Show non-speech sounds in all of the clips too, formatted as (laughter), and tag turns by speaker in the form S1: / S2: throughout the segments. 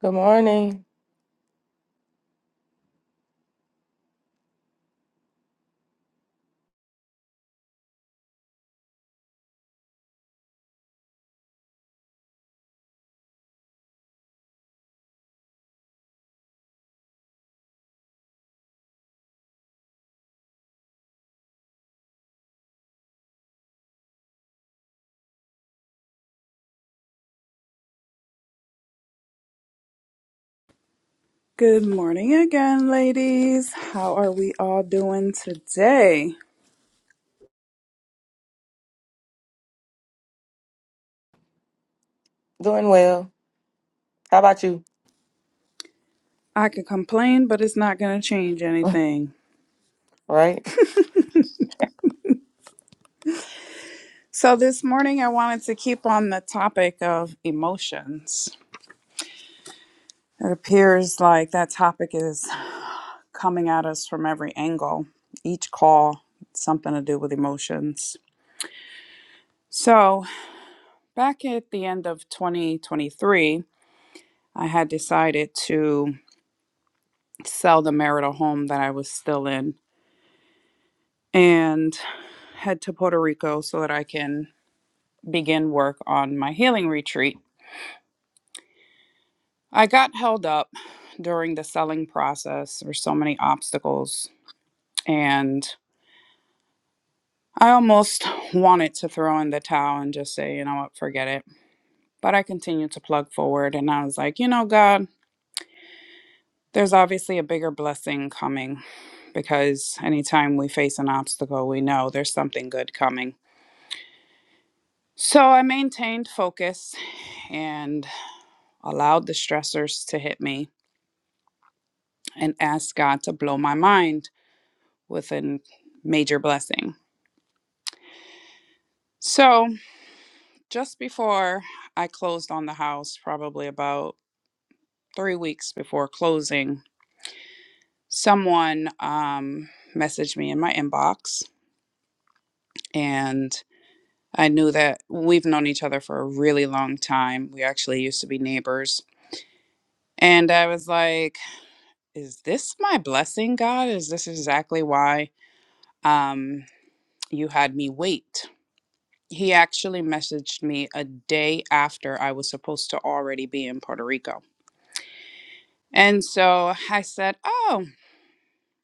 S1: Good morning.
S2: Good morning again, ladies. How are we all doing today?
S1: Doing well. How about you?
S2: I could complain, but it's not going to change anything.
S1: All right.
S2: So, this morning I wanted to keep on the topic of emotions. It appears like that topic is coming at us from every angle. Each call, something to do with emotions. So, back at the end of 2023, I had decided to sell the marital home that I was still in. And head to Puerto Rico so that I can begin work on my healing retreat. I got held up during the selling process. There were so many obstacles, and I almost (laughs) wanted to throw in the towel and just say, you know what, forget it. But I continued to plug forward, and I was like, you know, God, there's obviously a bigger blessing coming because anytime we face an obstacle, we know there's something good coming. So I maintained focus and allowed the stressors to hit me and asked God to blow my mind with a major blessing. So, just before I closed on the house, probably about three weeks before closing, someone um, messaged me in my inbox, and I knew that we've known each other for a really long time. We actually used to be neighbors. And I was like, is this my blessing, God? Is this exactly why um, you had me wait? He actually messaged me a day after I was supposed to already be in Puerto Rico. And so I said, Oh,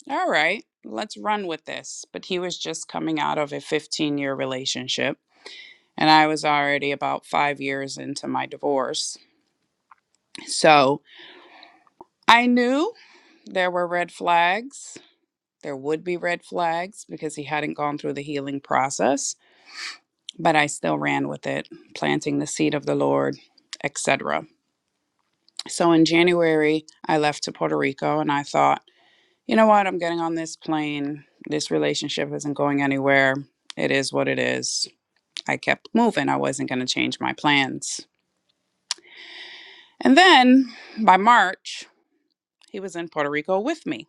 S2: all right, let's run with this. But he was just coming out of a 15 year relationship. And I was already about five years into my divorce. So I knew there were red flags. There would be red flags because he hadn't gone through the healing process, but I still ran with it, planting the seed of the Lord, etc. So in January, I left to Puerto Rico and I thought, you know what? I'm getting on this plane. This relationship isn't going anywhere. It is what it is. I kept moving. I wasn't going to change my plans. And then by March, he was in Puerto Rico with me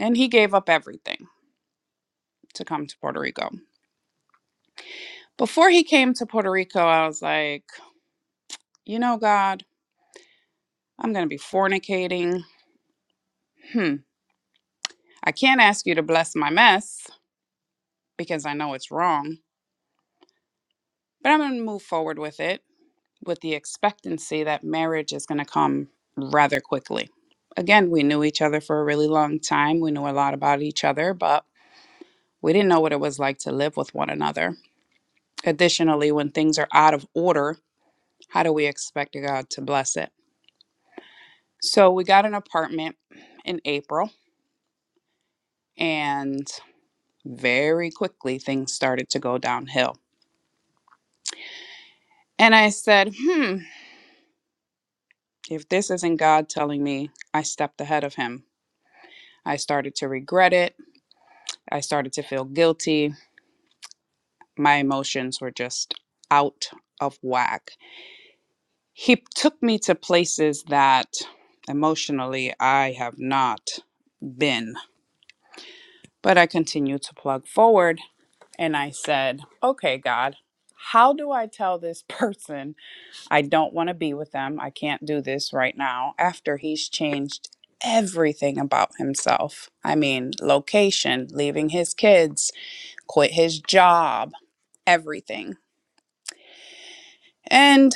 S2: and he gave up everything to come to Puerto Rico. Before he came to Puerto Rico, I was like, you know, God, I'm going to be fornicating. Hmm. I can't ask you to bless my mess because I know it's wrong, but I'm going to move forward with it with the expectancy that marriage is going to come rather quickly. Again, we knew each other for a really long time. We knew a lot about each other, but we didn't know what it was like to live with one another. Additionally, when things are out of order, how do we expect God to bless it? So we got an apartment in April, and very quickly things started to go downhill. And I said, hmm, if this isn't God telling me I stepped ahead of him, I started to regret it. I started to feel guilty. My emotions were just out of whack. He took me to places that emotionally I have not been. But I continued to plug forward and I said, okay, God, how do I tell this (laughs) person I don't want to be with them? I can't do this right now after he's changed everything about himself. I mean, location, leaving his kids, quit his job, everything And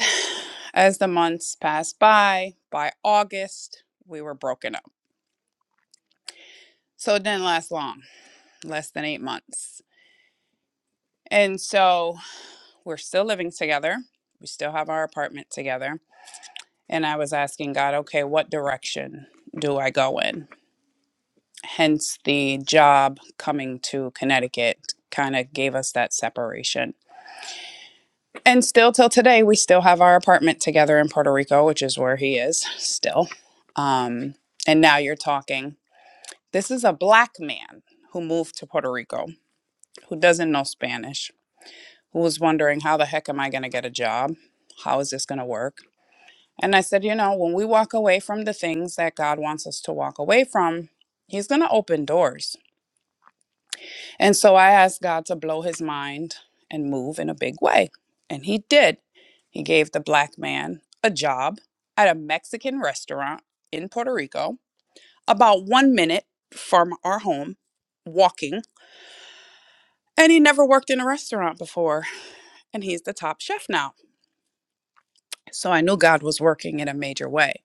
S2: as the months passed by, by August, we were broken up. So it didn't last long, less than eight months. And so we're still living together. We still have our apartment together. And I was asking God, okay, what direction do I go in? Hence the job coming to Connecticut kind of gave us that separation. And still till today, we still have our apartment together in Puerto Rico, which is where he is still. Um, and now you're talking This is a black man who moved to Puerto Rico, who doesn't know Spanish, who was wondering, how the heck am I going to get a job? How is this going to work? And I said, you know, when we walk away from the things that God wants us to walk away from, He's going to open doors. And so I asked God to blow his mind and move in a big way. And He did. He gave the black man a job at a Mexican restaurant in Puerto Rico, about one minute from our home, walking And he never worked in a restaurant before, and he's the top chef now. So I knew God was working in a major way.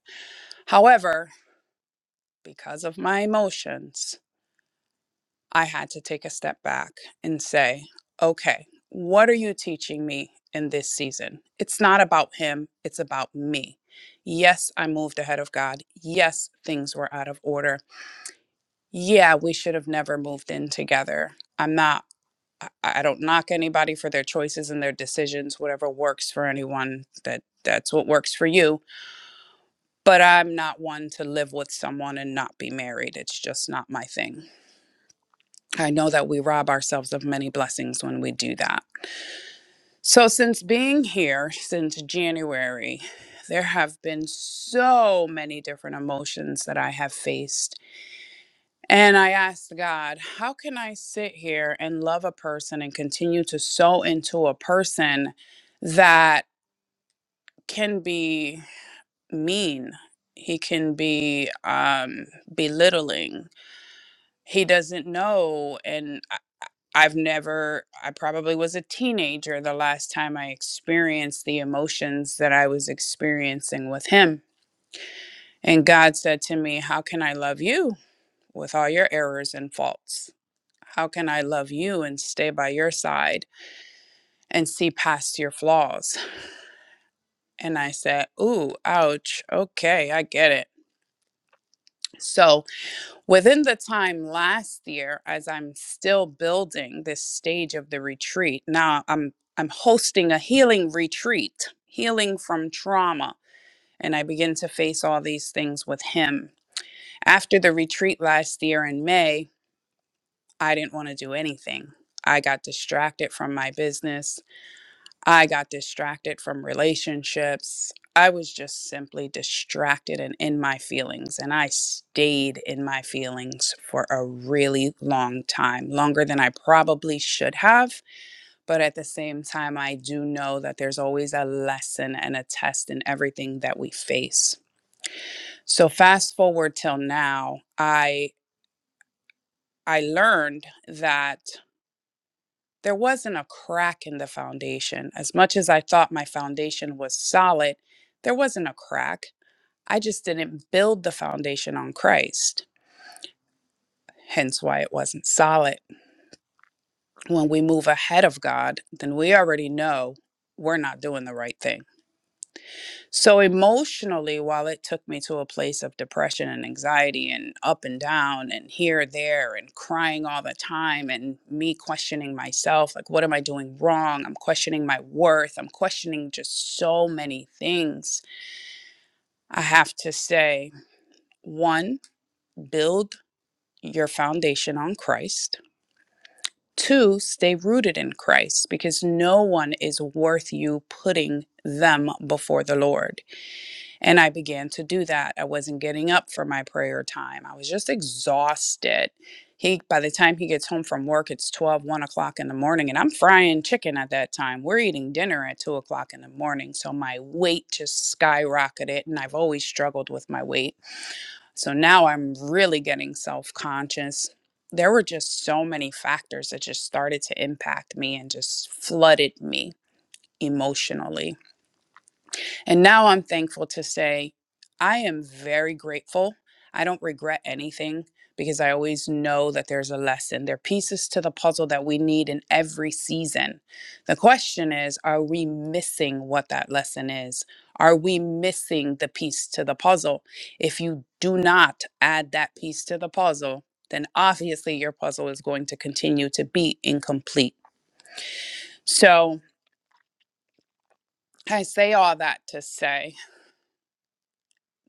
S2: However, because of my emotions, I had to take a step back and say, okay, what are you teaching me in this season? It's not about him, it's about me. Yes, I moved ahead of God. Yes, things were out of order. Yeah, we should have never moved in together. I'm not. I I don't knock anybody for their choices and their decisions, whatever works for anyone, that that's what works for you. But I'm not one to live with someone and not be married. It's just not my thing. I know that we rob ourselves of many blessings when we do that. So since being here since January, there have been so many different emotions that I have faced And I asked God, how can I sit here and love a person and continue to sow into a person that can be mean? He can be um, belittling. He doesn't know. And I- I've never, I probably was a teenager the last time I experienced the emotions that I was experiencing with him. And God said to me, How can I love you with all your errors and faults? How can I love you and stay by your side and see past your flaws? And I said, Ooh, ouch. Okay, I get it. So, within the time last year, as I'm still building this stage of the retreat, now I'm I'm hosting a healing retreat, healing from trauma. And I begin to face all these things with him. After the retreat last year in May, I didn't want to do anything. I got distracted from my business. I got distracted from relationships. I was just simply distracted and in my feelings. And I stayed in my feelings for a really long time, longer than I probably should have. But at the same time, I do know that there's always a lesson and a test in everything that we face. So fast forward till now, I. I learned that there wasn't a crack in the foundation. As much as I thought my foundation was solid, there wasn't a crack. I just didn't build the foundation on Christ, hence why it wasn't solid. When we move ahead of God, then we already know we're not doing the right thing So emotionally, while it took me to a place of depression and anxiety and up and down and here, there, and crying all the time, and me questioning myself, like, what am I doing wrong? I'm questioning my worth. I'm questioning just so many things. I have to say, one, build your foundation on Christ. Two, stay rooted in Christ because no one is worth you putting them before the Lord And I began to do that. I wasn't getting up for my prayer time. I was just exhausted. He by the time he gets home from work, it's twelve, one o'clock in the morning, and I'm frying chicken at that time. We're eating dinner at two o'clock in the morning. So my weight just skyrocketed and I've always struggled with my weight. So now I'm really getting self-conscious. There were just so many factors that just started to impact me and just flooded me emotionally. And now I'm thankful to say I am very grateful. I don't regret anything because I always know that there's a lesson. There are pieces to the puzzle that we need in every season. The question is are we missing what that lesson is? Are we missing the piece to the puzzle? If you do not add that piece to the puzzle, then obviously your puzzle is going to continue to be incomplete. So I say all that to say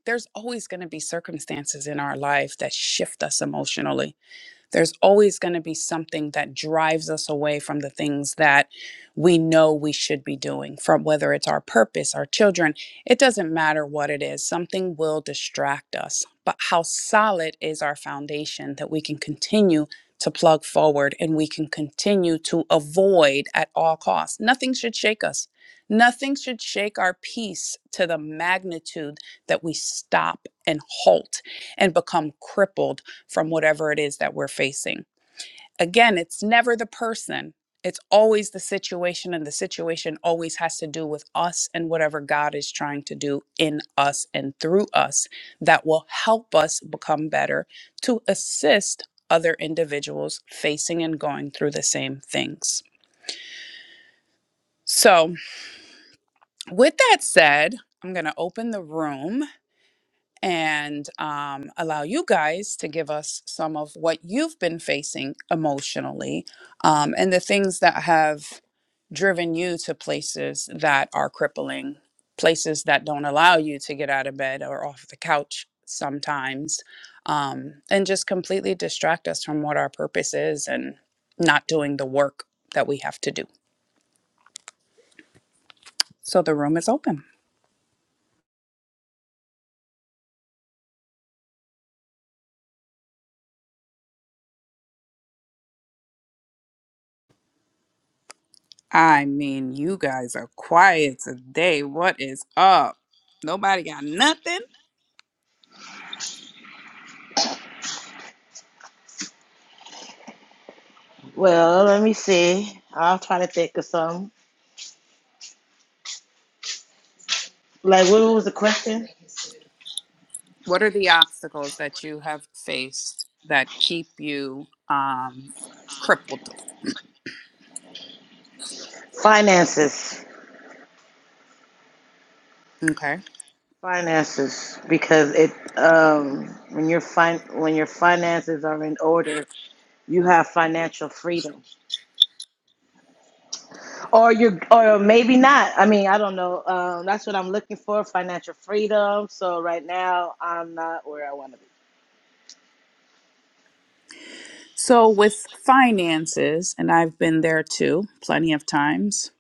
S2: there's always going to be circumstances in our life that shift us emotionally there's always going to be something that drives us away from the things that we know we should be doing, from whether it's our purpose, our children, it doesn't matter what it is, something will distract us. But how solid is our foundation that we can continue to plug forward and we can continue to avoid at all costs? Nothing should shake us. Nothing should shake our peace to the magnitude that we stop and halt and become crippled from whatever it is that we're facing. Again, it's never the person, it's always the situation, and the situation always has to do with us and whatever God is trying to do in us and through us that will help us become better to assist other individuals facing and going through the same things. So, with that said, I'm going to open the room and um, allow you guys to give us some of what you've been facing emotionally um, and the things that have driven you to places that are crippling, places that don't allow you to get out of bed or off the couch sometimes, um, and just completely distract us from what our purpose is and not doing the work that we have to do. So the room is open. I mean, you guys are quiet today. What is up? Nobody got nothing.
S3: Well, let me see. I'll try to think of some. Like, what was the question?
S2: What are the obstacles that you have faced that keep you um, crippled?
S3: Finances,
S2: Okay.
S3: finances, because it um when your fin when your finances are in order, you have financial freedom, or you or maybe not. I mean, I don't know. Um, that's what I'm looking for, financial freedom. So right now, I'm not where I want to be.
S2: So, with finances, and I've been there too plenty of times,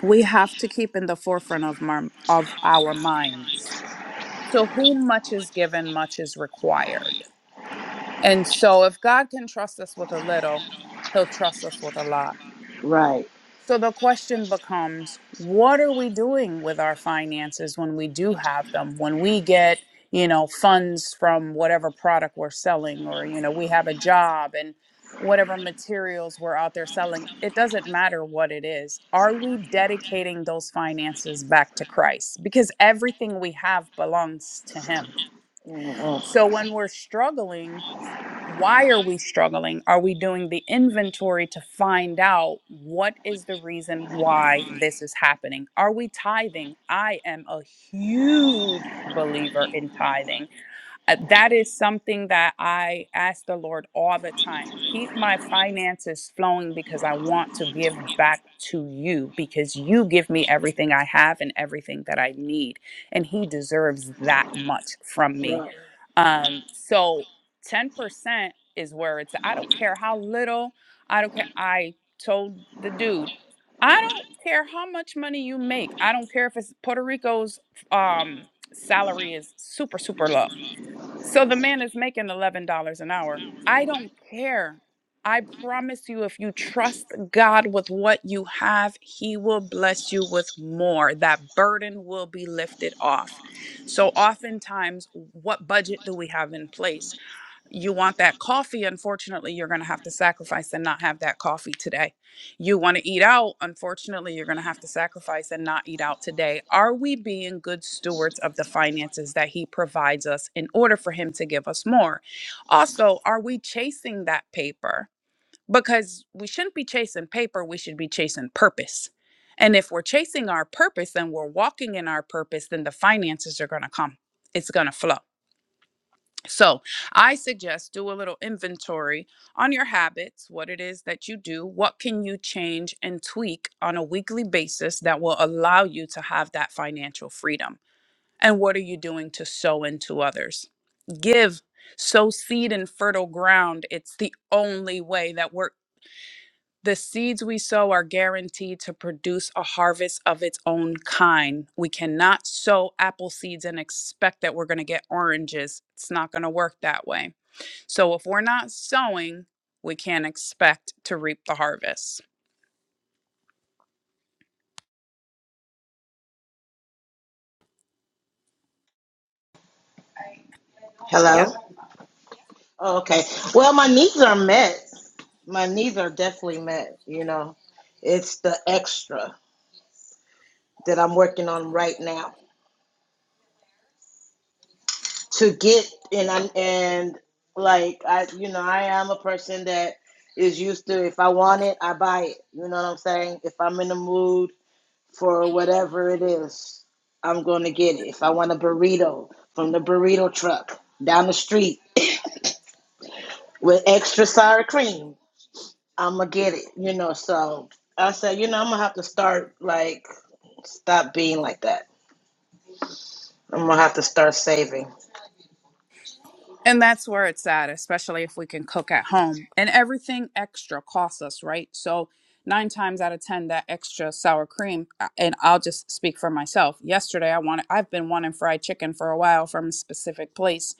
S2: we have to keep in the forefront of, mar- of our minds. So, whom much is given, much is required. And so, if God can trust us with a little, He'll trust us with a lot
S3: Right.
S2: So the question becomes what are we doing with our finances when we do have them? When we get, you know, funds from whatever product we're selling or you know, we have a job and whatever materials we're out there selling, it doesn't matter what it is. Are we dedicating those finances back to Christ? Because everything we have belongs to him.
S3: Mhm.
S2: So when we're struggling why are we struggling? Are we doing the inventory to find out what is the reason why this is happening? Are we tithing? I am a huge believer in tithing. Uh, That is something that I ask the Lord all the time. Keep my finances flowing because I want to give back to you because you give me everything I have and everything that I need. And He deserves that much from me.
S3: Right.
S2: Um, so 10% is where it's, I don't care how little, I don't care. I told the dude, I don't care how much money you make. I don't care if it's Puerto Rico's um, salary is super, super low. So the man is making $11 an hour. I don't care. I promise you, if you trust God with what you have, He will bless you with more. That burden will be lifted off. So, oftentimes, what budget do we have in place? you want that coffee unfortunately you're going to have to sacrifice and not have that coffee today you want to eat out unfortunately you're going to have to sacrifice and not eat out today are we being good stewards of the finances that he provides us in order for him to give us more also are we chasing that paper because we shouldn't be chasing paper we should be chasing purpose and if we're chasing our purpose and we're walking in our purpose then the finances are going to come it's going to flow so, I suggest do a little inventory on your habits, what it is that you do, what can you change and tweak on a weekly basis that will allow you to have that financial freedom? And what are you doing to sow into others? Give, sow seed in fertile ground. It's the only way that we're the seeds we sow are guaranteed to produce a harvest of its own kind. We cannot sow apple seeds and expect that we're going to get oranges. It's not going to work that way. So if we're not sowing, we can't expect to reap the harvest. Yep.
S3: Hello? Oh, okay. Well, my needs are met. My needs are definitely met. You know, it's the extra that I'm working on right now to get. And I'm and like I, you know, I am a person that is used to if I want it, I buy it. You know what I'm saying? If I'm in the mood for whatever it is, I'm going to get it. If I want a burrito from the burrito truck down the street with extra sour cream, I'm gonna get it, you know. So I said, you know, I'm gonna have to start like stop being like that. I'm gonna have to start saving.
S2: And that's where it's at, especially if we can cook at home. And everything extra costs us, right? So, nine times out of 10, that extra sour cream, uh, and I'll just speak for myself. Yesterday, I wanted, I've been wanting fried chicken for a while from a specific place.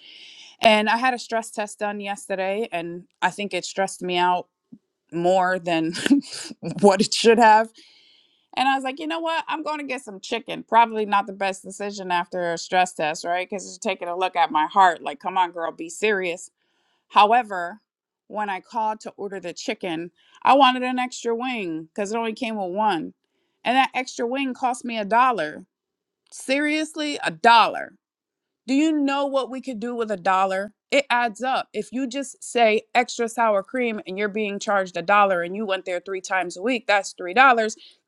S2: And I had a stress test done yesterday, and I think it stressed me out more than (laughs) what it should have And I was like, you know what? I'm going to get some chicken. Probably not the best decision after a stress test, right? Because it's taking a look at my heart. Like, come on, girl, be serious. However, when I called to order the chicken, I wanted an extra wing because it only came with one. And that extra wing cost me a dollar. Seriously, a dollar. Do you know what we could do with a dollar? It adds up. If you just say extra sour cream and you're being charged a dollar and you went there three times a week, that's $3.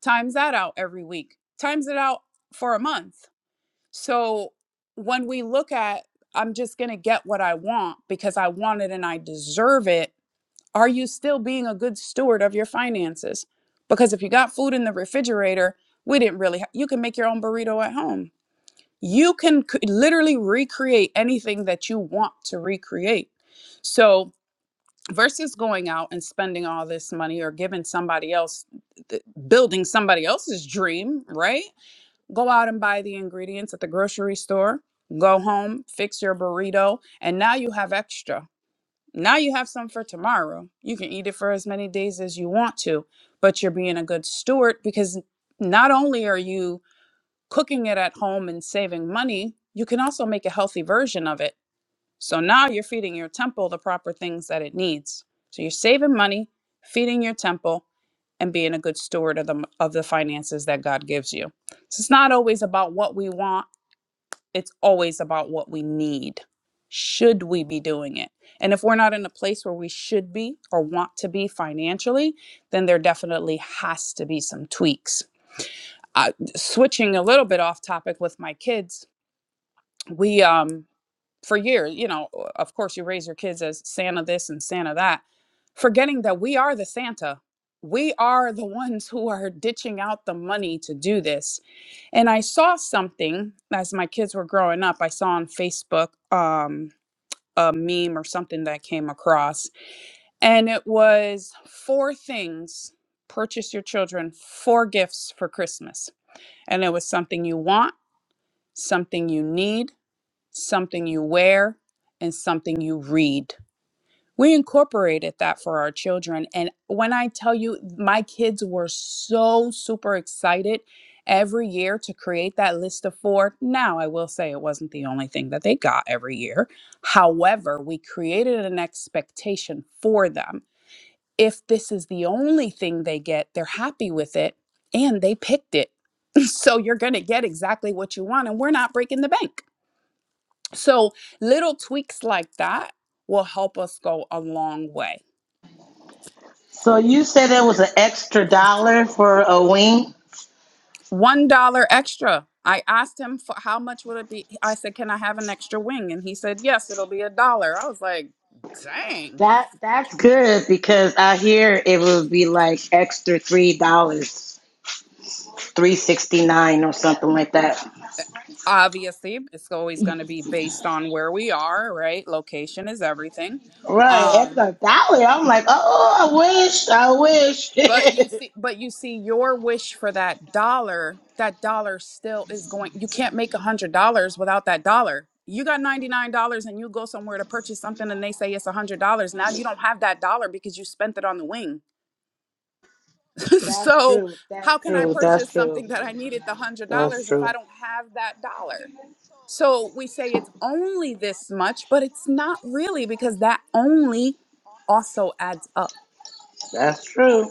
S2: Times that out every week, times it out for a month. So when we look at, I'm just going to get what I want because I want it and I deserve it, are you still being a good steward of your finances? Because if you got food in the refrigerator, we didn't really, ha- you can make your own burrito at home you can c- literally recreate anything that you want to recreate. So, versus going out and spending all this money or giving somebody else, th- building somebody else's dream, right? Go out and buy the ingredients at the grocery store, go home, fix your burrito, and now you have extra. Now you have some for tomorrow. You can eat it for as many days as you want to, but you're being a good steward because not only are you cooking it at home and saving money, you can also make a healthy version of it. So now you're feeding your temple the proper things that it needs. So you're saving money, feeding your temple, and being a good steward of the of the finances that God gives you. So it's not always about what we want, it's always about what we need. Should we be doing it? And if we're not in a place where we should be or want to be financially, then there definitely has to be some tweaks I, switching a little bit off topic with my kids, we um for years, you know, of course you raise your kids as Santa this and Santa that, forgetting that we are the Santa. We are the ones who are ditching out the money to do this. And I saw something as my kids were growing up, I saw on Facebook um a meme or something that I came across and it was four things purchase your children four gifts for Christmas. And it was something you want something you need, something you wear, and something you read. We incorporated that for our children. And when I tell you, my kids were so super excited every year to create that list of four. Now, I will say it wasn't the only thing that they got every year. However, we created an expectation for them. If this is the only thing they get, they're happy with it and they picked it. (laughs) So you're going to get exactly what you want, and we're not breaking the bank. So, little tweaks like that will help us go a long way.
S3: So you said there was an extra dollar for a wing.
S2: One dollar extra. I asked him for how much would it be. I said, "Can I have an extra wing?" And he said, "Yes, it'll be a dollar." I was like, "Dang!"
S3: That that's good because I hear it would be like extra three dollars, three sixty nine or something like that.
S2: Obviously, it's always going to be based on where we are, right? Location is everything.
S3: Right,
S2: Um,
S3: extra dollar. I'm like, oh, I wish, I wish.
S2: But you
S3: (laughs)
S2: see, but you see, your wish for that dollar, that dollar still is going. You can't make a hundred dollars without that dollar. You got ninety nine dollars, and you go somewhere to purchase something, and they say it's a hundred dollars. Now you don't have that dollar because you spent it on the wing. (laughs)
S3: that's
S2: so
S3: true. That's
S2: how can I
S3: true. That's
S2: purchase
S3: true.
S2: something that I needed the hundred
S3: That's
S2: dollars if I
S3: true.
S2: don't have that dollar? So we say it's only this much, but it's not really because that only also adds up.
S3: That's true.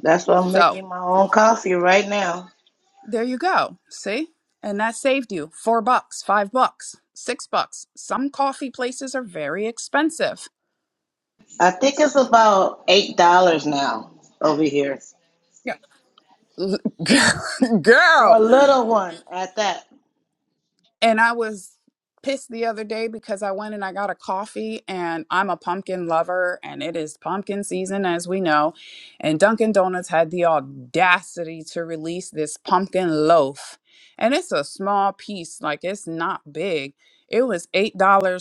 S3: That's why I'm
S2: So.
S3: making my own coffee right now.
S2: There you go. See? And that saved you four bucks, five bucks, six bucks. Some coffee places are very expensive.
S3: I think it's about eight dollars now over here
S2: Yeah. (laughs)
S3: for a
S2: Girl.
S3: little one at that.
S2: And I was pissed the other day because I went and I got a coffee and I'm a pumpkin lover and it is pumpkin season as we know. And Dunkin' Donuts had the audacity to release this pumpkin loaf. And it's a small piece, like it's not big. It was $8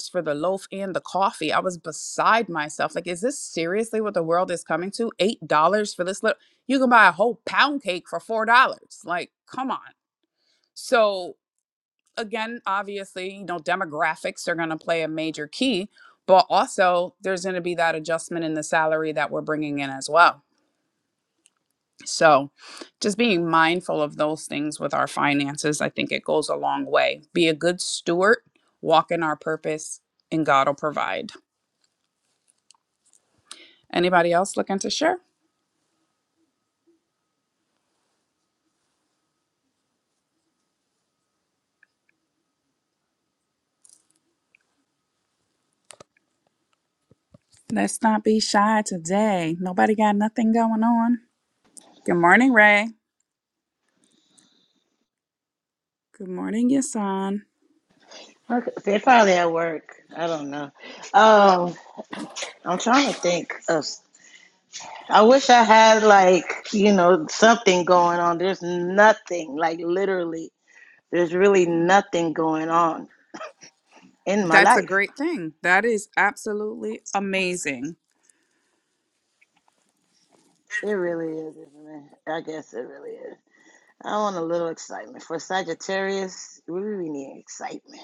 S2: for the loaf and the coffee. I was beside myself. Like, is this seriously what the world is coming to? $8 for this little, you can buy a whole pound cake for $4. Like, come on. So again, obviously, you know, demographics are going to play a major key, but also there's going to be that adjustment in the salary that we're bringing in as well. So, just being mindful of those things with our finances, I think it goes a long way. Be a good steward, walk in our purpose, and God will provide. Anybody else looking to share? Let's not be shy today. Nobody got nothing going on. Good morning, Ray. Good morning, Yasan.
S3: Okay, They probably at work. I don't know. Um, I'm trying to think of. I wish I had like you know something going on. There's nothing like literally. There's really nothing going on in my
S2: That's a
S3: life.
S2: great thing. That is absolutely amazing.
S3: It really is, isn't it? I guess it really is. I want a little excitement for Sagittarius. We really need excitement.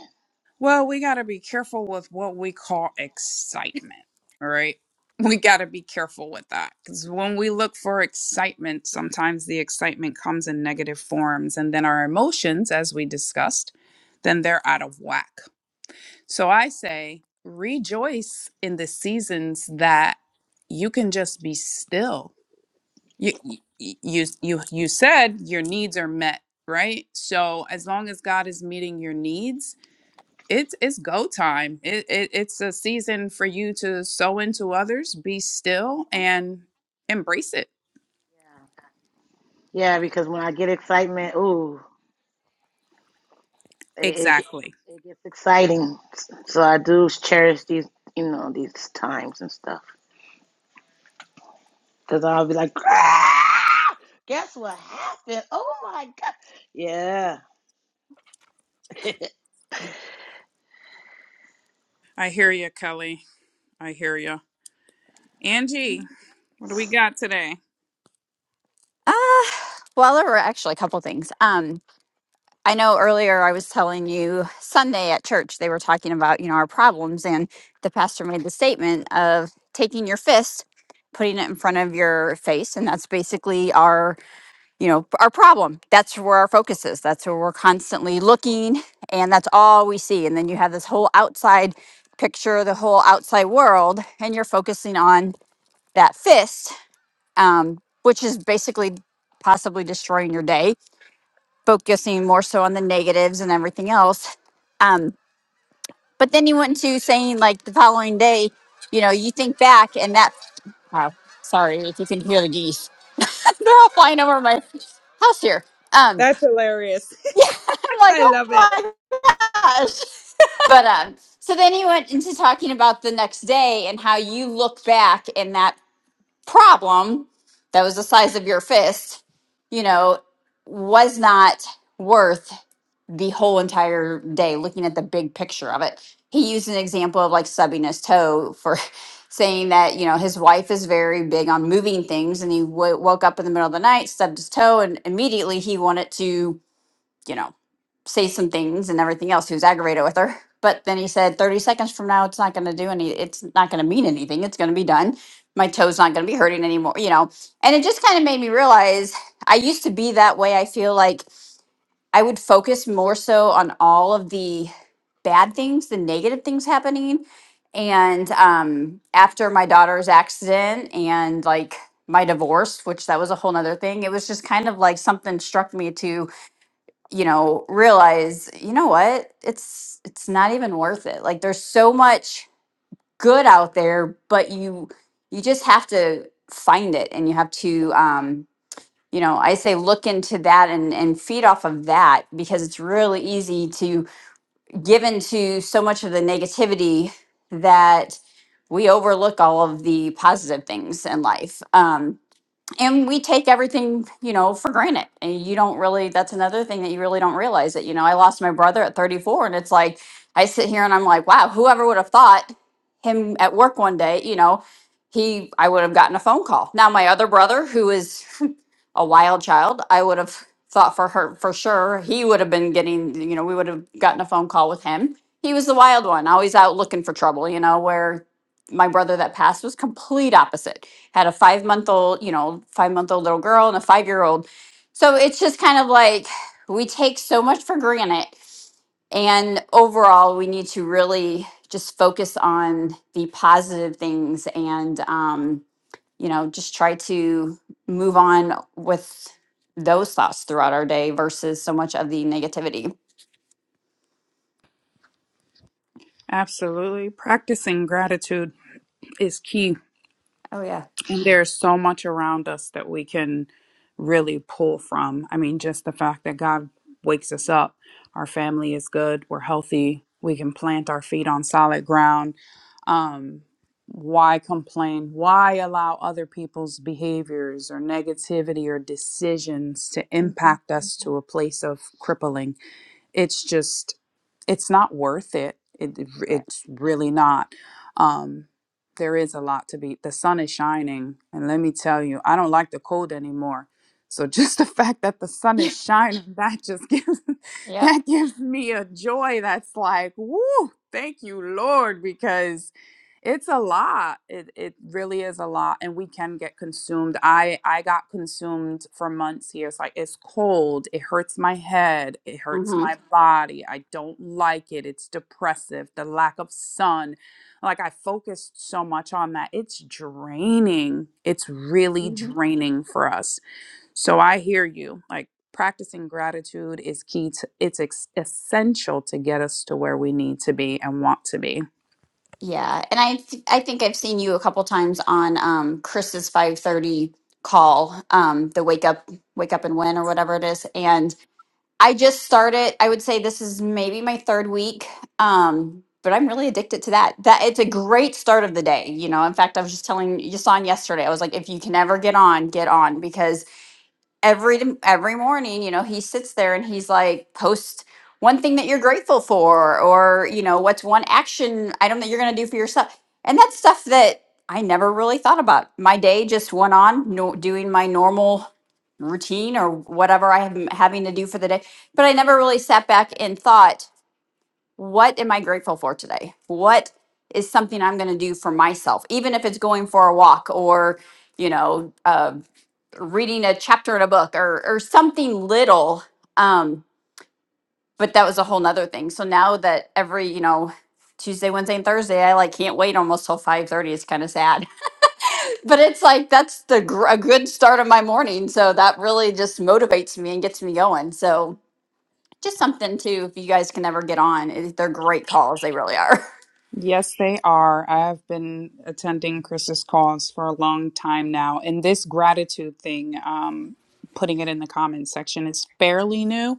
S2: Well, we got to be careful with what we call excitement, all right? (laughs) We got to be careful with that because when we look for excitement, sometimes the excitement comes in negative forms, and then our emotions, as we discussed, then they're out of whack. So I say rejoice in the seasons that you can just be still. You you you you you said your needs are met, right? So as long as God is meeting your needs, it's it's go time. It, it it's a season for you to sow into others, be still, and embrace it.
S3: Yeah, because when I get excitement, ooh, it, it
S2: Exactly.
S3: it gets exciting. So I do cherish these, you know, these times and stuff. Because I'll be like, "Ah, guess what happened? Oh my god! Yeah. (laughs)
S2: I hear you, Kelly. I hear you, Angie. What do we got today?
S4: Ah, well, there were actually a couple things. Um, I know earlier I was telling you Sunday at church they were talking about you know our problems, and the pastor made the statement of taking your fist, putting it in front of your face, and that's basically our you know our problem. That's where our focus is. That's where we're constantly looking, and that's all we see. And then you have this whole outside picture, the whole outside world, and you're focusing on that fist um, which is basically possibly destroying your day, focusing more so on the negatives and everything else. Um, but then you went into saying, like, the following day, you know, you think back and that, wow, sorry if you can hear the geese, (laughs) they're all flying over my house here. Um,
S2: That's hilarious.
S4: yeah, (laughs) I'm
S2: (laughs)
S4: like,
S2: I
S4: oh
S2: love it.
S4: my gosh. (laughs) But um, so then you went into talking about the next day and how you look back and that problem that was the size of your fist, you know, was not worth the whole entire day looking at the big picture of it. He used an example of like subbing his toe for (laughs) saying that, you know, his wife is very big on moving things and he w- woke up in the middle of the night, stubbed his toe, and immediately he wanted to you know, say some things and everything else. He was aggravated with her. (laughs) But then he said, 30 seconds from now, it's not going to do any, it's not going to mean anything. It's going to be done. My toe's not going to be hurting anymore, you know. And it just kind of made me realize I used to be that way. I feel like I would focus more so on all of the bad things, the negative things happening. And um, after my daughter's accident and like my divorce, which that was a whole nother thing, it was just kind of like something struck me to you know realize you know what it's it's not even worth it like there's so much good out there but you you just have to find it and you have to um you know i say look into that and and feed off of that because it's really easy to give into so much of the negativity that we overlook all of the positive things in life Um and we take everything you know for granted and you don't really that's another thing that you really don't realize that you know i lost my brother at 34 and it's like i sit here and i'm like wow whoever would have thought him at work one day you know he i would have gotten a phone call now my other brother who is (laughs) a wild child i would have thought for her for sure he would have been getting you know we would have gotten a phone call with him he was the wild one always out looking for trouble you know where my brother that passed was complete opposite had a five month old, you know, five month old little girl and a five year old. So it's just kind of like we take so much for granted. And overall, we need to really just focus on the positive things and, um, you know, just try to move on with those thoughts throughout our day versus so much of the negativity.
S2: Absolutely, practicing gratitude is key.
S4: Oh, yeah.
S2: And there's so much around us that we can really pull from. I mean, just the fact that God wakes us up, our family is good, we're healthy, we can plant our feet on solid ground. Um, why complain? Why allow other people's behaviors or negativity or decisions to
S4: Mhm.
S2: impact us to a place of crippling? it's just it's not worth it. It
S4: Right.
S2: it's really not. Um, there is a lot to be. The sun is shining, and let me tell you, I don't like the cold anymore. So (laughs) just the fact that the sun is
S4: (laughs)
S2: shining, that just gives (laughs)
S4: Yep.
S2: that gives me a joy that's like, woo, thank you, Lord, because it's a lot. It it really is a lot, and we can get consumed. I I got consumed for months here. It's like it's cold. It hurts my head. It hurts my
S4: Mm-hmm.
S2: body. I don't like it. It's depressive. The lack of sun. Like I focused so much on that. It's draining. It's really draining for us. So I hear you. Like practicing gratitude is key to it's ex- essential to get us to where we need to be and want to be.
S4: Yeah, and I th- I think I've seen you a couple times on um Chris's 5:30 call, um the wake up wake up and win or whatever it is. And I just started, I would say this is maybe my third week. Um but I'm really addicted to that. That it's a great start of the day, you know. In fact, I was just telling Yasan yesterday. I was like if you can ever get on, get on because every every morning you know he sits there and he's like post one thing that you're grateful for or you know what's one action item that you're going to do for yourself and that's stuff that i never really thought about my day just went on no, doing my normal routine or whatever i am having to do for the day but i never really sat back and thought what am I grateful for today? What is something I'm going to do for myself, even if it's going for a walk or, you know, uh, reading a chapter in a book or or something little um but that was a whole nother thing so now that every you know tuesday wednesday and thursday i like can't wait almost till 5:30. it's kind of sad (laughs) but it's like that's the gr- a good start of my morning so that really just motivates me and gets me going so just something too if you guys can ever get on it- they're great calls they really are (laughs)
S2: Yes, they are. I have been attending Chris's calls for a long time now. And this gratitude thing, um, putting it in the comments section, is fairly new.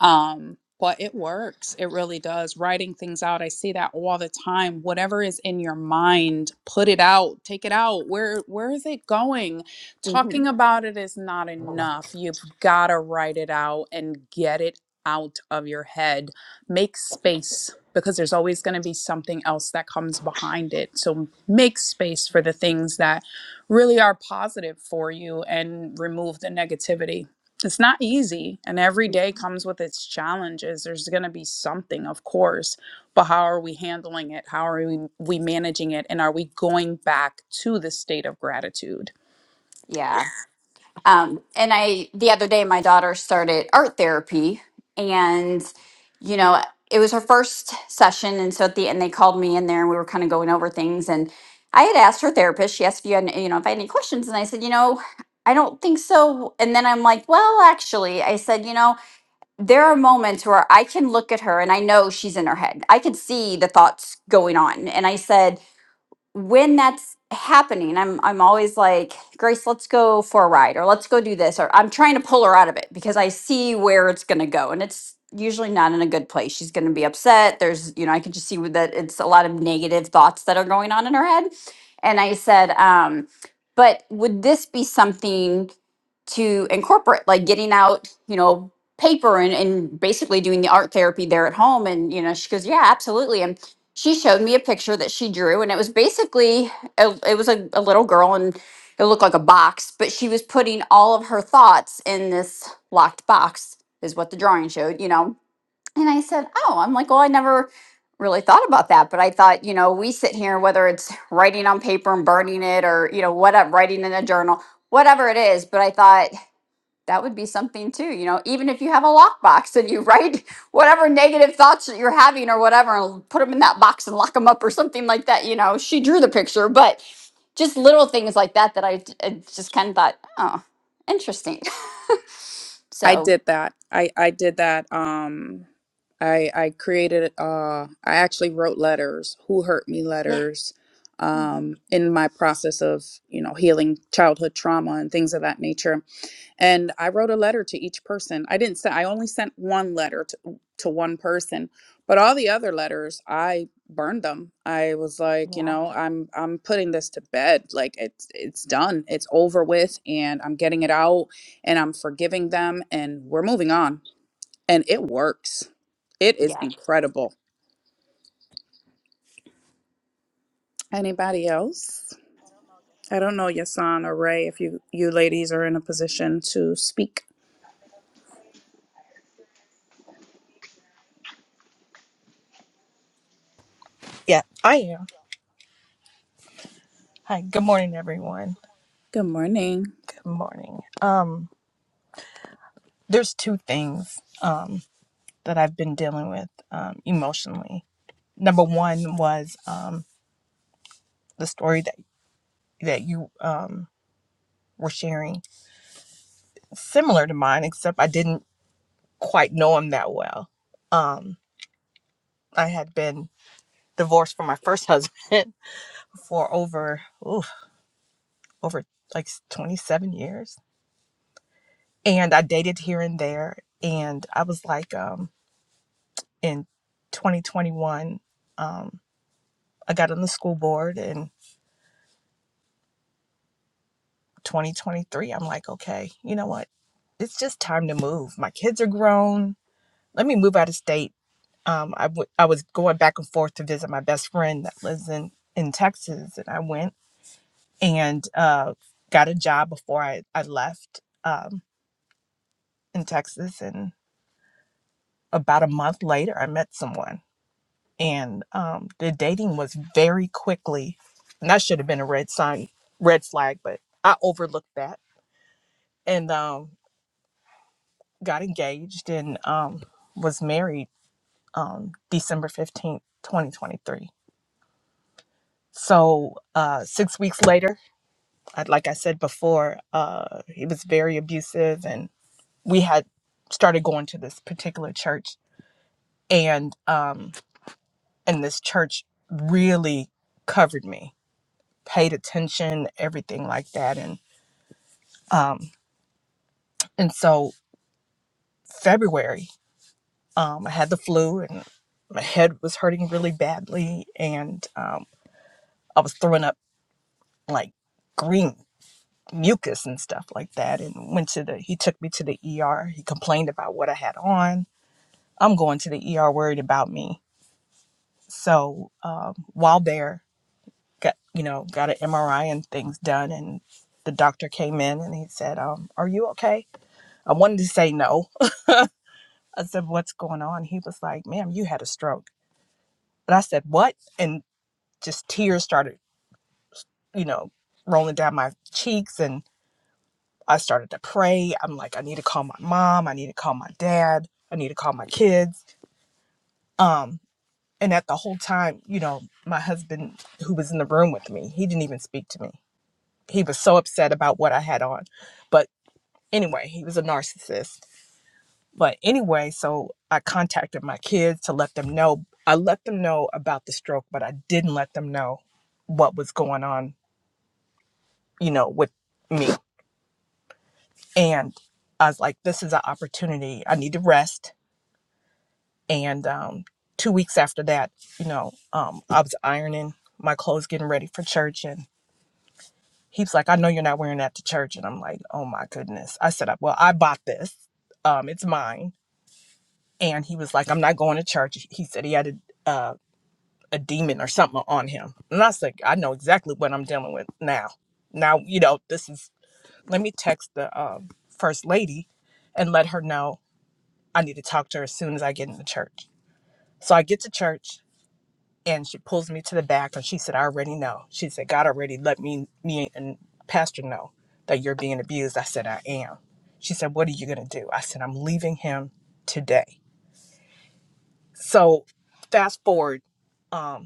S2: Um, but it works. It really does. Writing things out. I see that all the time. Whatever is in your mind, put it out. Take it out. Where where is it going?
S4: hmm
S2: Talking about it is not enough. You've got to write it out and get it out of your head. Make space because there's always going to be something else that comes behind it. So make space for the things that really are positive for you and remove the negativity it's not easy and every day comes with its challenges there's going to be something of course but how are we handling it how are we, we managing it and are we going back to the state of gratitude
S4: Yeah. Um, and I, the other day, my daughter started art therapy, and, you know, it was her first session. And so at the end, they called me in there and we were kind of going over things. And I had asked her therapist, she asked if you had, you know, if I had any questions. And I said, you know, I don't think so. And then I'm like, well, actually, I said, you know, there are moments where I can look at her and I know she's in her head. I could see the thoughts going on. And I said, when that's happening, I'm I'm always like, Grace, let's go for a ride or let's go do this or I'm trying to pull her out of it because I see where it's going to go and it's usually not in a good place. She's going to be upset. There's, you know, I can just see with that it's a lot of negative thoughts that are going on in her head. And I said, um, but would this be something to incorporate like getting out you know paper and, and basically doing the art therapy there at home and you know she goes yeah absolutely and she showed me a picture that she drew and it was basically a, it was a, a little girl and it looked like a box but she was putting all of her thoughts in this locked box is what the drawing showed you know and i said oh i'm like well i never really thought about that but i thought you know we sit here whether it's writing on paper and burning it or you know whatever writing in a journal whatever it is but i thought that would be something too you know even if you have a lockbox and you (laughs) write whatever negative thoughts that you're having or whatever and put them in that box and lock them up or something like that you know she drew the picture but just little things like that that I I just kind of thought oh interesting (laughs)
S2: i
S4: so
S2: did that i i did that um i i created uh i actually wrote letters who hurt me
S4: yeah
S2: letters
S4: Mhm.
S2: um in my process of you know healing childhood trauma and things of that nature and I wrote a letter to each person. I didn't send. I only sent one letter to, to one person, but all the other letters I burned them. I was like, you know, I'm I'm putting this to bed. Like it's it's done. It's over with and I'm getting it out and I'm forgiving them and we're moving on. And it works. It is
S4: yeah
S2: incredible. Anybody else? I don't know, Yasan or Ray, if you you ladies are in a position to speak.
S5: Yeah, I am. Hi, good morning, everyone.
S2: Good morning.
S5: Good morning. Um, there's two things um that I've been dealing with um emotionally. Number one was um the story that that you um were sharing, similar to mine, except I didn't quite know him that well. Um, I had been divorced from my first (laughs) husband for over ooh, over like 27 years, and I dated here and there, and I was like, um in 2021 um, i got on the school board in 2023 i'm like okay you know what it's just time to move my kids are grown let me move out of state um, I, w- I was going back and forth to visit my best friend that lives in, in texas and i went and uh, got a job before i, I left um, in texas and about a month later i met someone and um, the dating was very quickly and that should have been a red sign red flag but i overlooked that and um, got engaged and um, was married um, december 15th 2023 so uh, six weeks later I- like i said before uh, he was very abusive and we had started going to this particular church and um, and this church really covered me paid attention, everything like that. And um, and so February, um, I had the flu and my head was hurting really badly, and um, I was throwing up like green mucus and stuff like that. And went to the he took me to the ER. He complained about what I had on. I'm going to the ER worried about me. So um, while there, got you know got an MRI and things done, and the doctor came in and he said, um, "Are you okay?" I wanted to say no, I said, What's going on? He was like, Ma'am, you had a stroke. And I said, What? And just tears started, you know, rolling down my cheeks. And I started to pray. I'm like, I need to call my mom. I need to call my dad. I need to call my kids. Um, and at the whole time, you know, my husband, who was in the room with me, he didn't even speak to me. He was so upset about what I had on. But anyway, he was a narcissist But anyway, so I contacted my kids to let them know. I let them know about the stroke, but I didn't let them know what was going on, you know, with me. And I was like, this is an opportunity. I need to rest. And um, two weeks after that, you know, um, I was ironing my clothes, getting ready for church. And he was like, I know you're not wearing that to church. And I'm like, oh my goodness. I said, well, I bought this, um, it's mine. And he was like, I'm not going to church. He said he had to. uh, a demon or something on him. And I was like, I know exactly what I'm dealing with now. Now, you know, this is, let me text the um, first lady and let her know I need to talk to her as soon as I get into church. So I get to church and she pulls me to the back and she said, I already know. She said, God already let me, me and pastor know that you're being abused. I said, I am. She said, What are you going to do? I said, I'm leaving him today. So fast forward. um,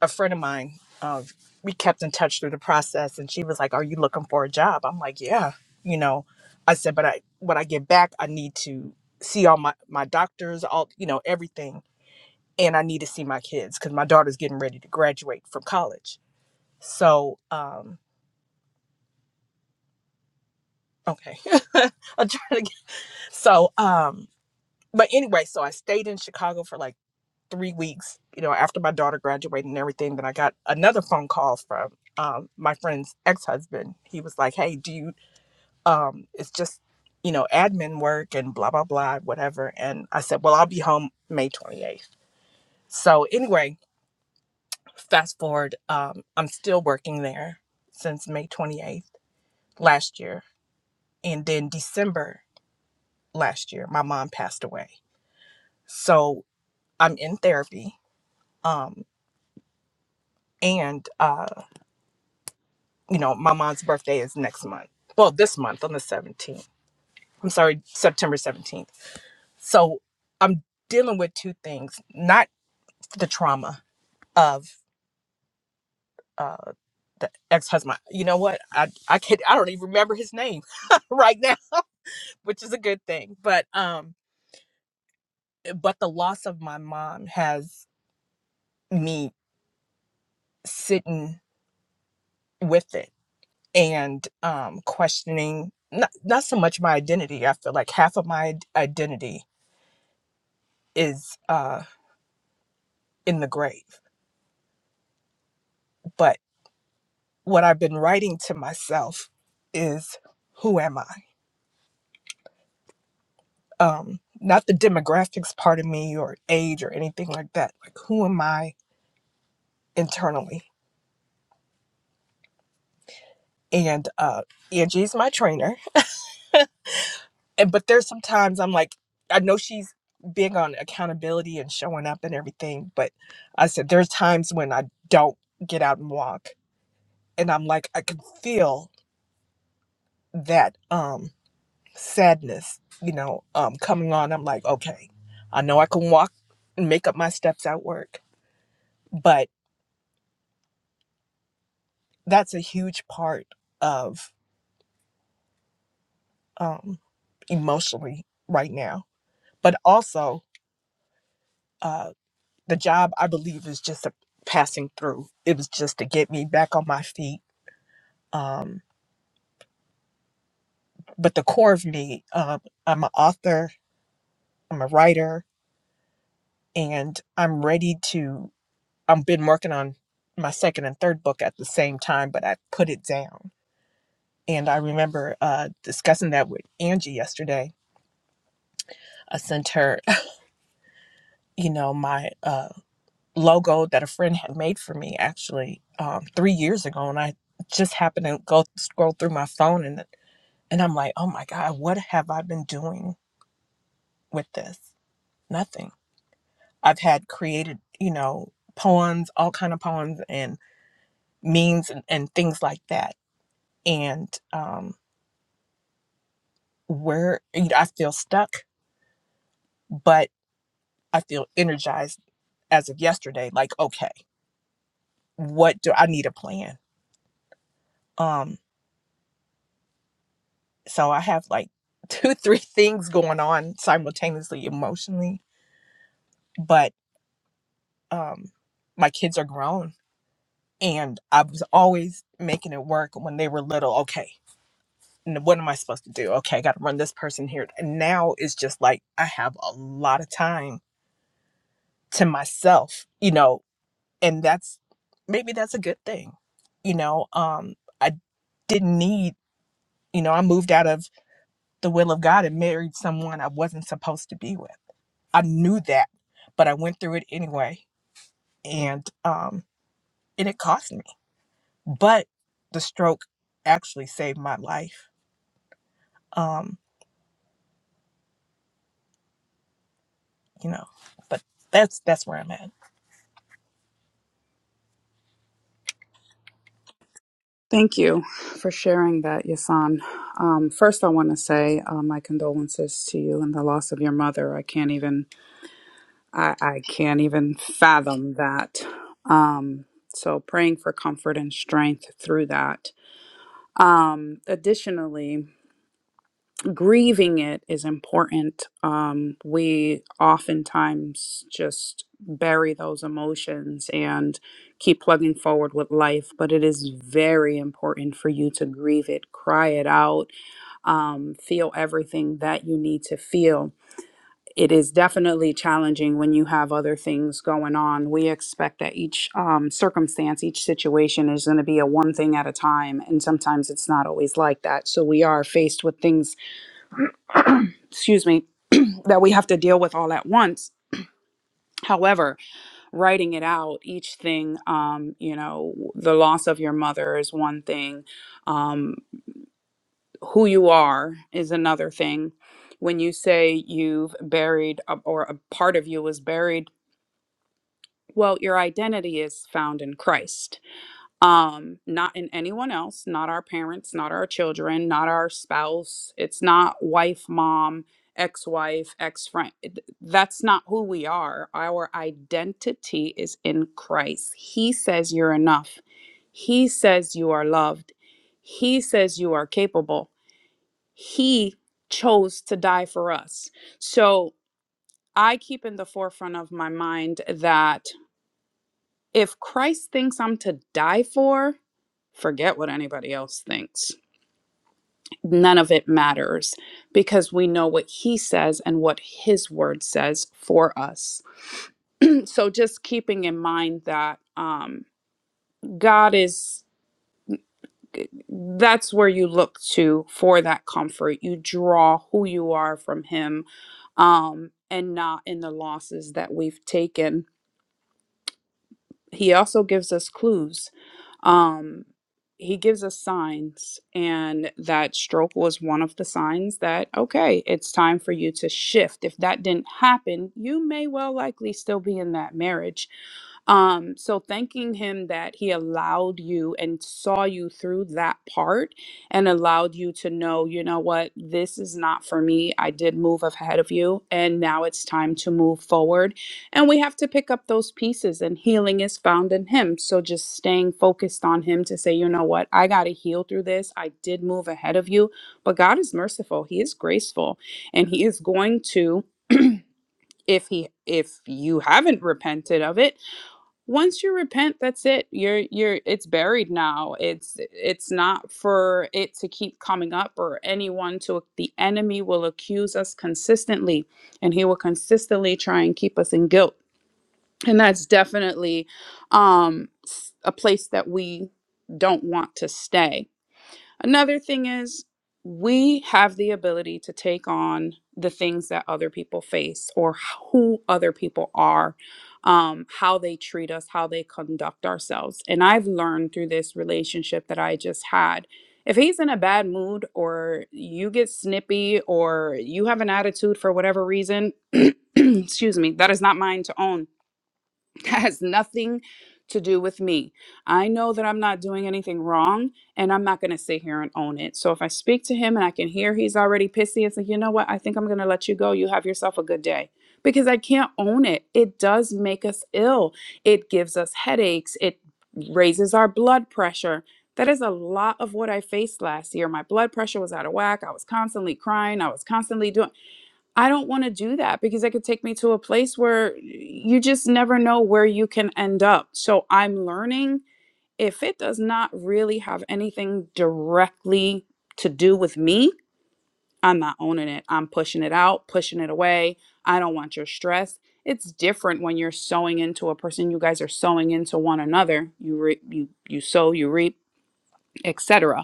S5: a friend of mine, uh, we kept in touch through the process, and she was like, "Are you looking for a job?" I'm like, "Yeah." You know, I said, "But I when I get back, I need to see all my my doctors, all you know, everything, and I need to see my kids because my daughter's getting ready to graduate from college." So, um, okay, (laughs) I'm trying to. Get, so, um, but anyway, so I stayed in Chicago for like three weeks, you know, after my daughter graduated and everything, then I got another phone call from um, my friend's ex husband. He was like, "Hey, do you? Um, it's just, you know, admin work and blah blah blah, whatever." And I said, "Well, I'll be home May 28th." So anyway, fast forward, um, I'm still working there since May 28th last year, and then December last year, my mom passed away. So I'm in therapy. Um, and uh you know, my mom's birthday is next month. Well, this month on the 17th. I'm sorry, September 17th. So I'm dealing with two things, not the trauma of uh, the ex-husband. You know what? I I can't I don't even remember his name (laughs) right now, which is a good thing. But um but the loss of my mom has me sitting with it and um questioning not not so much my identity. I feel like half of my identity is uh. in the grave. But what I've been writing to myself is who am I? Um, not the demographics part of me or age or anything like that. Like who am I internally? And uh Angie's my trainer. And but there's sometimes I'm like, I know she's big on accountability and showing up and everything, but I said there's times when I don't get out and walk and I'm like I can feel that um sadness, you know, um, coming on, I'm like, okay, I know I can walk and make up my steps at work, but that's a huge part of um, emotionally right now. But also, uh, the job I believe is just a passing through. It was just to get me back on my feet. Um, but the core of me, um, I'm an author, I'm a writer, and I'm ready to. I've been working on my second and third book at the same time, but I put it down. And I remember uh, discussing that with Angie yesterday. I sent her, you know, my uh, logo that a friend had made for me actually um, three years ago, and I just happened to go scroll through my phone and and I'm like, oh my god, what have I been doing with this? Nothing. I've had created, you know, poems, all kind of poems and memes and, and things like that. And um, where you know, I feel stuck, but I feel energized as of yesterday. Like, okay, what do I need a plan? Um, so I have like two, (laughs) three things going on simultaneously emotionally, but um, my kids are grown, and I was always making it work when they were little. Okay. n- What am I supposed to do? Okay, I got to run this person here. And now it's just like I have a lot of time to myself, you know, and that's maybe that's a good thing you know um i didn't need you know i moved out of the will of god and married someone i wasn't supposed to be with i knew that but i went through it anyway and um and it cost me but the stroke actually saved my life um you know but that's that's where i'm at
S2: Thank you for sharing that, Yasan. Um, first, I want to say uh, my condolences to you and the loss of your mother. I can't even I, I can't even fathom that. Um, so, praying for comfort and strength through that. Um, additionally, grieving it is important. Um, we oftentimes just bury those emotions and keep plugging forward with life, but it is very important for you to grieve it, cry it out, um, feel everything that you need to feel. It is definitely challenging when you have other things going on. We expect that each um, circumstance, each situation is going to be a one thing at a time. And sometimes it's not always like that. So we are faced with things excuse me that we have to deal with all at once. However, writing it out, each thing, um, you know, the loss of your mother is one thing, um, who you are is another thing. When you say you've buried, a- or a part of you is buried, well, your identity is found in Christ um not in anyone else not our parents not our children not our spouse it's not wife mom ex-wife ex-friend It- that's not who we are our identity is in Christ he says you're enough he says you are loved he says you are capable he chose to die for us so i keep in the forefront of my mind that if Christ thinks I'm to die for Forget what anybody else thinks. None of it matters because we know what he says and what his word says for us. (clears throat) So just keeping in mind that um, God is that's where you look to for that comfort. You draw who you are from him um, and not in the losses that we've taken. He also gives us clues Um, he gives us signs, and that stroke was one of the signs that, okay, it's time for you to shift. If that didn't happen, you may well likely still be in that marriage. Um, so thanking him that he allowed you and saw you through that part and allowed you to know, you know what, this is not for me. I did move ahead of you, and now it's time to move forward and we have to pick up those pieces, and healing is found in Him. So just staying focused on Him to say, you know what, I got to heal through this. I did move ahead of you, but God is merciful. He is graceful, and He is going to if he if you haven't repented of it once you repent that's it you're you're it's buried now it's it's not for it to keep coming up or anyone to the enemy will accuse us consistently and he will consistently try and keep us in guilt and that's definitely um s- a place that we don't want to stay another thing is we have the ability to take on the things that other people face or who other people are um, how they treat us how they conduct ourselves and i've learned through this relationship that i just had if he's in a bad mood or you get snippy or you have an attitude for whatever reason (clears throat) excuse me that is not mine to own (laughs) That has nothing to do with me. I know that I'm not doing anything wrong and I'm not going to sit here and own it. So if I speak to him and I can hear he's already pissy, it's like, you know what? I think I'm going to let you go. You have yourself a good day. Because I can't own it. It does make us ill, it gives us headaches, it raises our blood pressure. That is a lot of what I faced last year. My blood pressure was out of whack. I was constantly crying. I was constantly doing. I don't want to do that because it could take me to a place where you just never know where you can end up. So I'm learning if it does not really have anything directly to do with me, I'm not owning it. I'm pushing it out, pushing it away. I don't want your stress. It's different when you're sowing into a person. You guys are sowing into one another. You re- you you sow, you reap etc.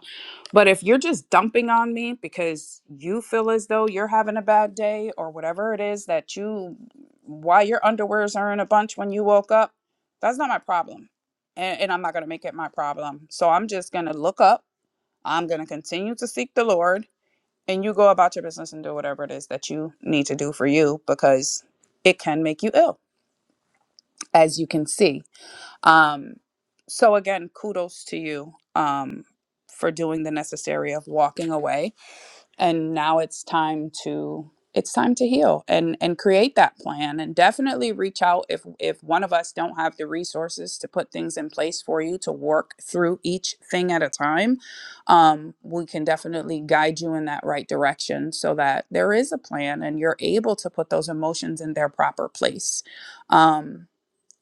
S2: But if you're just dumping on me because you feel as though you're having a bad day or whatever it is that you why your underwears are in a bunch when you woke up, that's not my problem. And, and I'm not going to make it my problem. So I'm just going to look up. I'm going to continue to seek the Lord and you go about your business and do whatever it is that you need to do for you because it can make you ill, as you can see. Um, so again, kudos to you um, for doing the necessary of walking away. And now it's time to it's time to heal and and create that plan and definitely reach out if if one of us don't have the resources to put things in place for you to work through each thing at a time um, we can definitely guide you in that right direction so that there is a plan and you're able to put those emotions in their proper place um,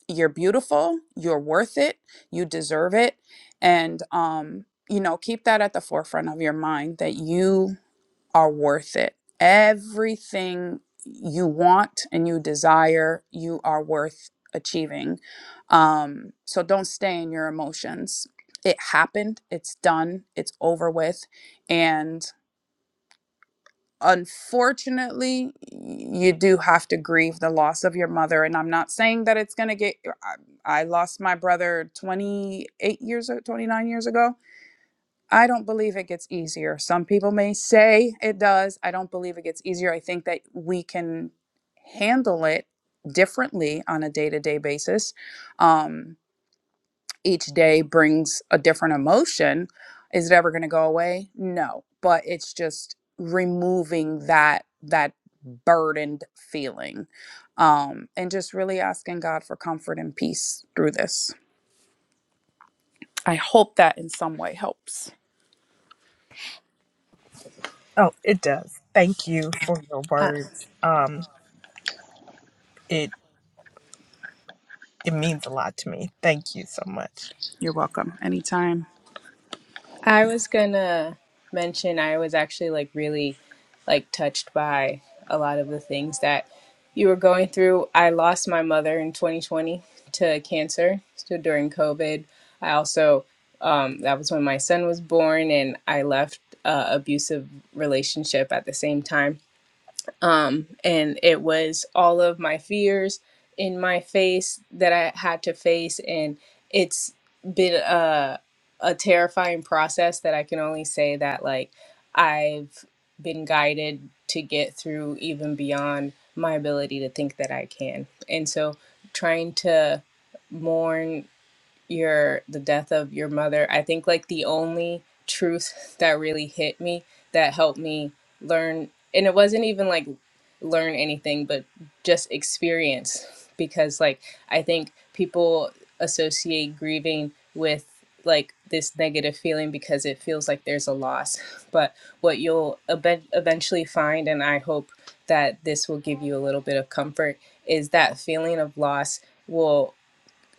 S2: you're beautiful, you're worth it, you deserve it. And, um, you know, keep that at the forefront of your mind that you are worth it. Everything you want and you desire, you are worth achieving. Um, so don't stay in your emotions. It happened, it's done, it's over with. and unfortunately you do have to grieve the loss of your mother and i'm not saying that it's going to get uh, I, I lost my brother 28 years 29 years ago i don't believe it gets easier some people may say it does i don't believe it gets easier i think that we can handle it differently on a day-to-day basis Um, each day brings a different emotion. Is it ever going to go away? No, but it's just removing that that burdened feeling um, and just really asking God for comfort and peace through this. I hope that in some way helps.
S5: oh it does thank you for your
S6: I,
S5: words um it it means a lot to me thank you so much
S2: You're welcome. Anytime.
S6: I was gonna mention I was actually like really like touched by a lot of the things that you were going through. I lost my mother in 2020 to cancer so during COVID. I also um, that was when my son was born, and I left a abusive relationship at the same time. um, and it was all of my fears in my face that I had to face, and it's been a a terrifying process that I can only say that like I've been guided to get through even beyond my ability to think that I can, and so trying to mourn your the death of your mother i think like the only truth that really hit me that helped me learn and it wasn't even like learn anything but just experience because like i think people associate grieving with like this negative feeling because it feels like there's a loss but what you'll ev- eventually find and i hope that this will give you a little bit of comfort is that feeling of loss will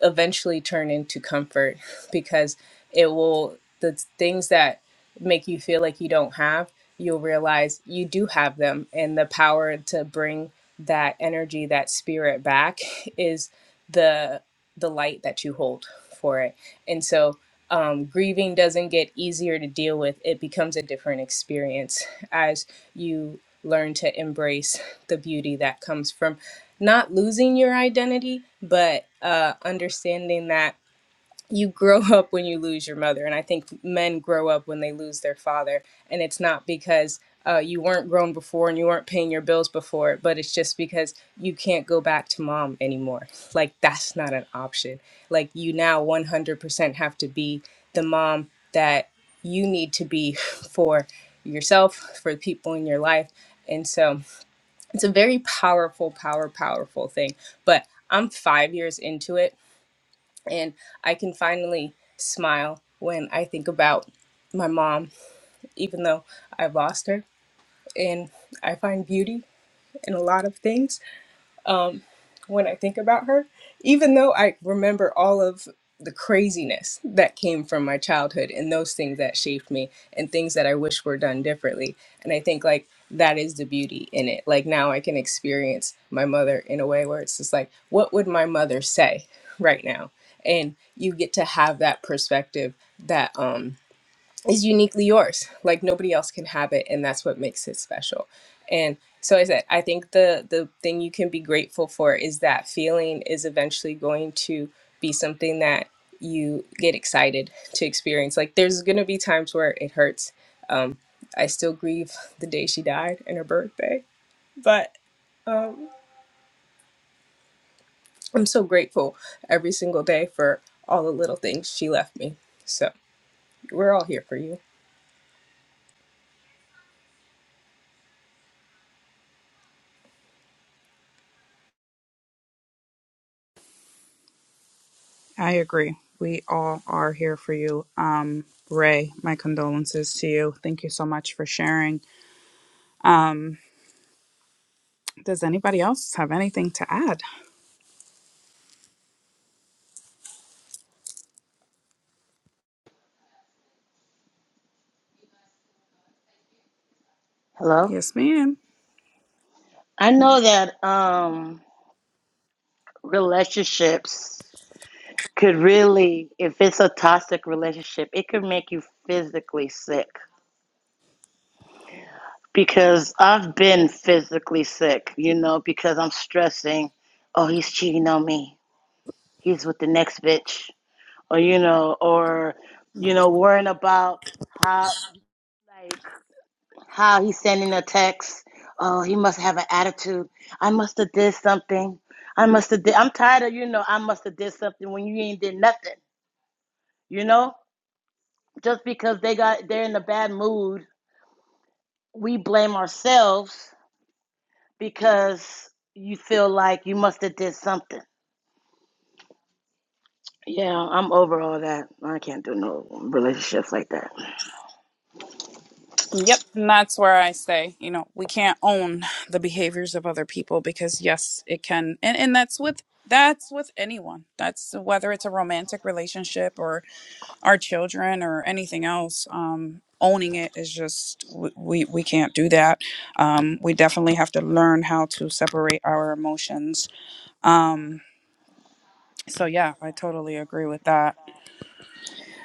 S6: eventually turn into comfort because it will the things that make you feel like you don't have you'll realize you do have them and the power to bring that energy that spirit back (laughs) is the the light that you hold for it and so um, grieving doesn't get easier to deal with, it becomes a different experience as you learn to embrace the beauty that comes from not losing your identity, but uh, understanding that you grow (laughs) up when you lose your mother and i think men grow up when they lose their father and it's not because uh, you weren't grown before and you weren't paying your bills before but it's just because you can't go back to mom anymore like that's not an option like you now 100% have to be the mom that you need to be (laughs) for yourself for the people in your life and so it's a very powerful power powerful thing but i'm five years into it and I can finally smile when I think about my mom, even though I lost her. And I find beauty in a lot of things when I think about her, even though I remember all of the craziness that came from my childhood and those things that shaped me and things that I wish were done differently. And I think like that is the beauty in it. Like now I can experience my mother in a way where it's just like, what would my mother say right now? And you get to have that perspective that um is uniquely yours. Like nobody else can have it, and that's what makes it special. And so I said, I think the the thing you can be grateful for is that feeling is eventually going to be something that you get excited to experience. Like there's going to be times where it hurts. Um, I still grieve the day she died and her birthday, but um, I'm so grateful every single day for all the little things she left me. So we're all here for you.
S2: I agree. We all are here for you. Um, Ray, my condolences to you. Thank you so much for sharing. Um, does anybody else have anything to add?
S3: Hello.
S2: Yes, ma'am.
S3: I know that um relationships could really, if it's a toxic relationship, it could make you physically sick. because I've been physically sick, you know, because I'm stressing, oh, he's cheating on me. He's with the next bitch. Or, you know, or, you know, worrying about how, like, how he's sending a text. Oh, he must have an attitude. I must have did something. I must have did. I'm tired of, you know, I must have did something when you ain't did nothing, you know? Just because they got, they're in a bad mood, we blame ourselves because you feel like you must have did something. Yeah, I'm over all that. I can't do no relationships like that.
S2: Yep, and that's where I say, you know, we can't own the behaviors of other people because yes, it can, and and that's with that's with anyone. That's whether it's a romantic relationship or our children or anything else. Um, owning it is just w- we we can't do that. Um, we definitely have to learn how to separate our emotions. Um, so yeah, I totally agree with that.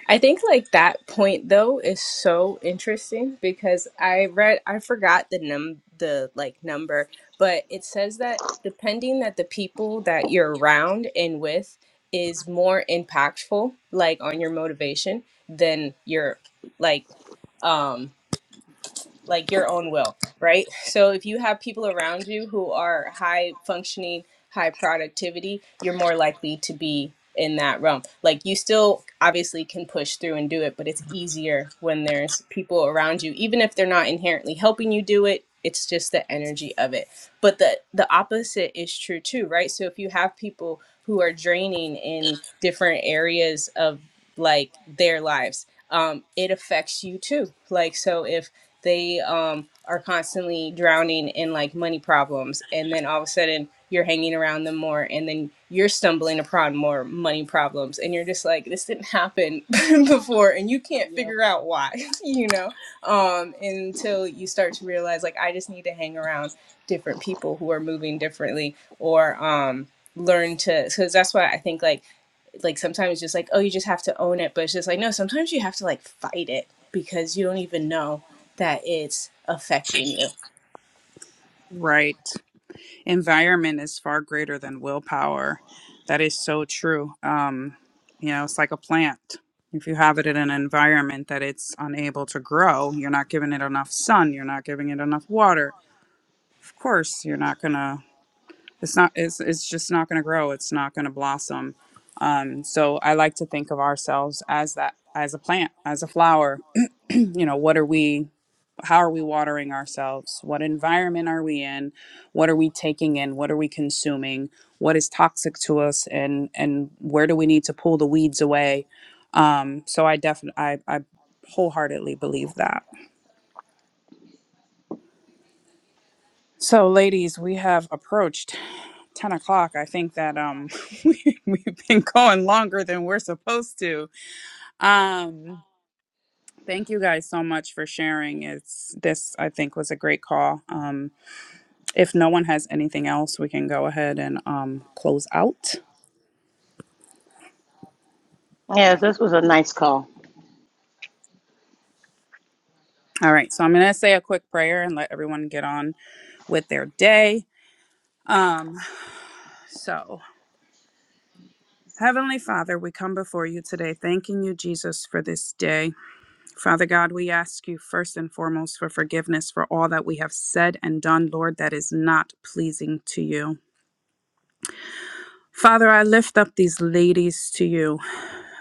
S6: I think like that point though is so interesting because I read I forgot the num the like number, but it says that depending that the people that you're around and with is more impactful like on your motivation than your like um like your own will, right? So if you have people around you who are high functioning, high productivity, you're more likely to be in that realm. Like you still obviously can push through and do it, but it's easier when there's people around you even if they're not inherently helping you do it. It's just the energy of it. But the the opposite is true too, right? So if you have people who are draining in different areas of like their lives, um, it affects you too. Like so if they um, are constantly drowning in like money problems and then all of a sudden you're hanging around them more and then you're stumbling upon more money problems and you're just like this didn't happen (laughs) before and you can't figure out why (laughs) you know um, until you start to realize like i just need to hang around different people who are moving differently or um, learn to because that's why i think like like sometimes just like oh you just have to own it but it's just like no sometimes you have to like fight it because you don't even know that it's affecting you
S2: Right. environment is far greater than willpower. That is so true. Um, you know, it's like a plant. If you have it in an environment that it's unable to grow, you're not giving it enough sun, you're not giving it enough water. Of course, you're not gonna. It's not. It's it's just not gonna grow. It's not gonna blossom. Um, so I like to think of ourselves as that, as a plant, as a flower. (clears throat) you know, what are we? how are we watering ourselves what environment are we in what are we taking in what are we consuming what is toxic to us and and where do we need to pull the weeds away um so i definitely I, I wholeheartedly believe that so ladies we have approached 10 o'clock i think that um (laughs) we, we've been going longer than we're supposed to um thank you guys so much for sharing it's this i think was a great call um If no one has anything else, we can go ahead and um, close out.
S3: Yeah, this was a nice call.
S2: All right, so I'm going to say a quick prayer and let everyone get on with their day. Um, so, Heavenly Father, we come before you today, thanking you, Jesus, for this day. Father God, we ask you first and foremost for forgiveness for all that we have said and done, Lord, that is not pleasing to you. Father, I lift up these ladies to you.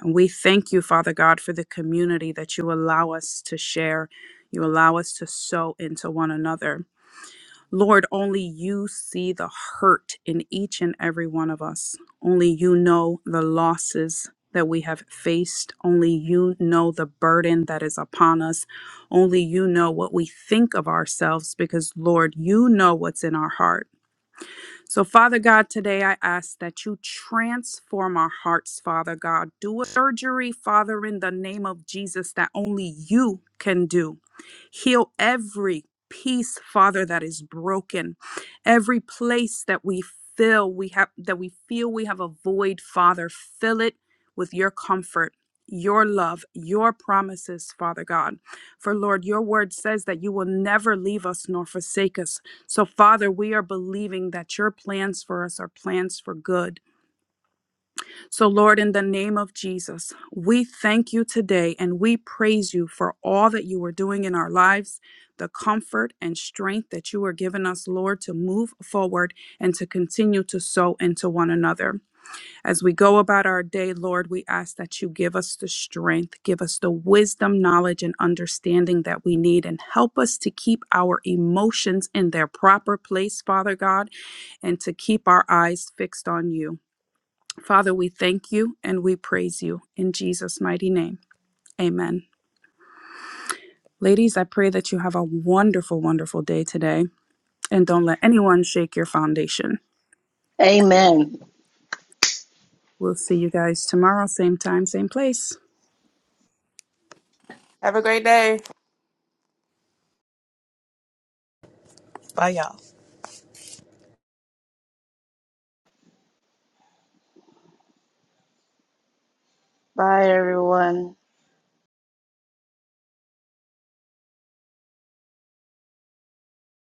S2: And we thank you, Father God, for the community that you allow us to share. You allow us to sow into one another. Lord, only you see the hurt in each and every one of us. Only you know the losses that we have faced. Only you know the burden that is upon us. Only you know what we think of ourselves because, Lord, you know what's in our heart. So, Father God, today I ask that you transform our hearts, Father God. Do a surgery, Father, in the name of Jesus, that only you can do. Heal every piece, Father, that is broken, every place that we feel we have that we feel we have a void, Father. Fill it with your comfort. Your love, your promises, Father God. For Lord, your word says that you will never leave us nor forsake us. So, Father, we are believing that your plans for us are plans for good. So, Lord, in the name of Jesus, we thank you today and we praise you for all that you are doing in our lives, the comfort and strength that you are giving us, Lord, to move forward and to continue to sow into one another. As we go about our day, Lord, we ask that you give us the strength, give us the wisdom, knowledge, and understanding that we need, and help us to keep our emotions in their proper place, Father God, and to keep our eyes fixed on you. Father, we thank you and we praise you in Jesus' mighty name. Amen. Ladies, I pray that you have a wonderful, wonderful day today, and don't let anyone shake your foundation.
S3: Amen.
S2: We'll see you guys tomorrow, same time, same place.
S1: Have a great day.
S5: bye y'all
S3: Bye, everyone.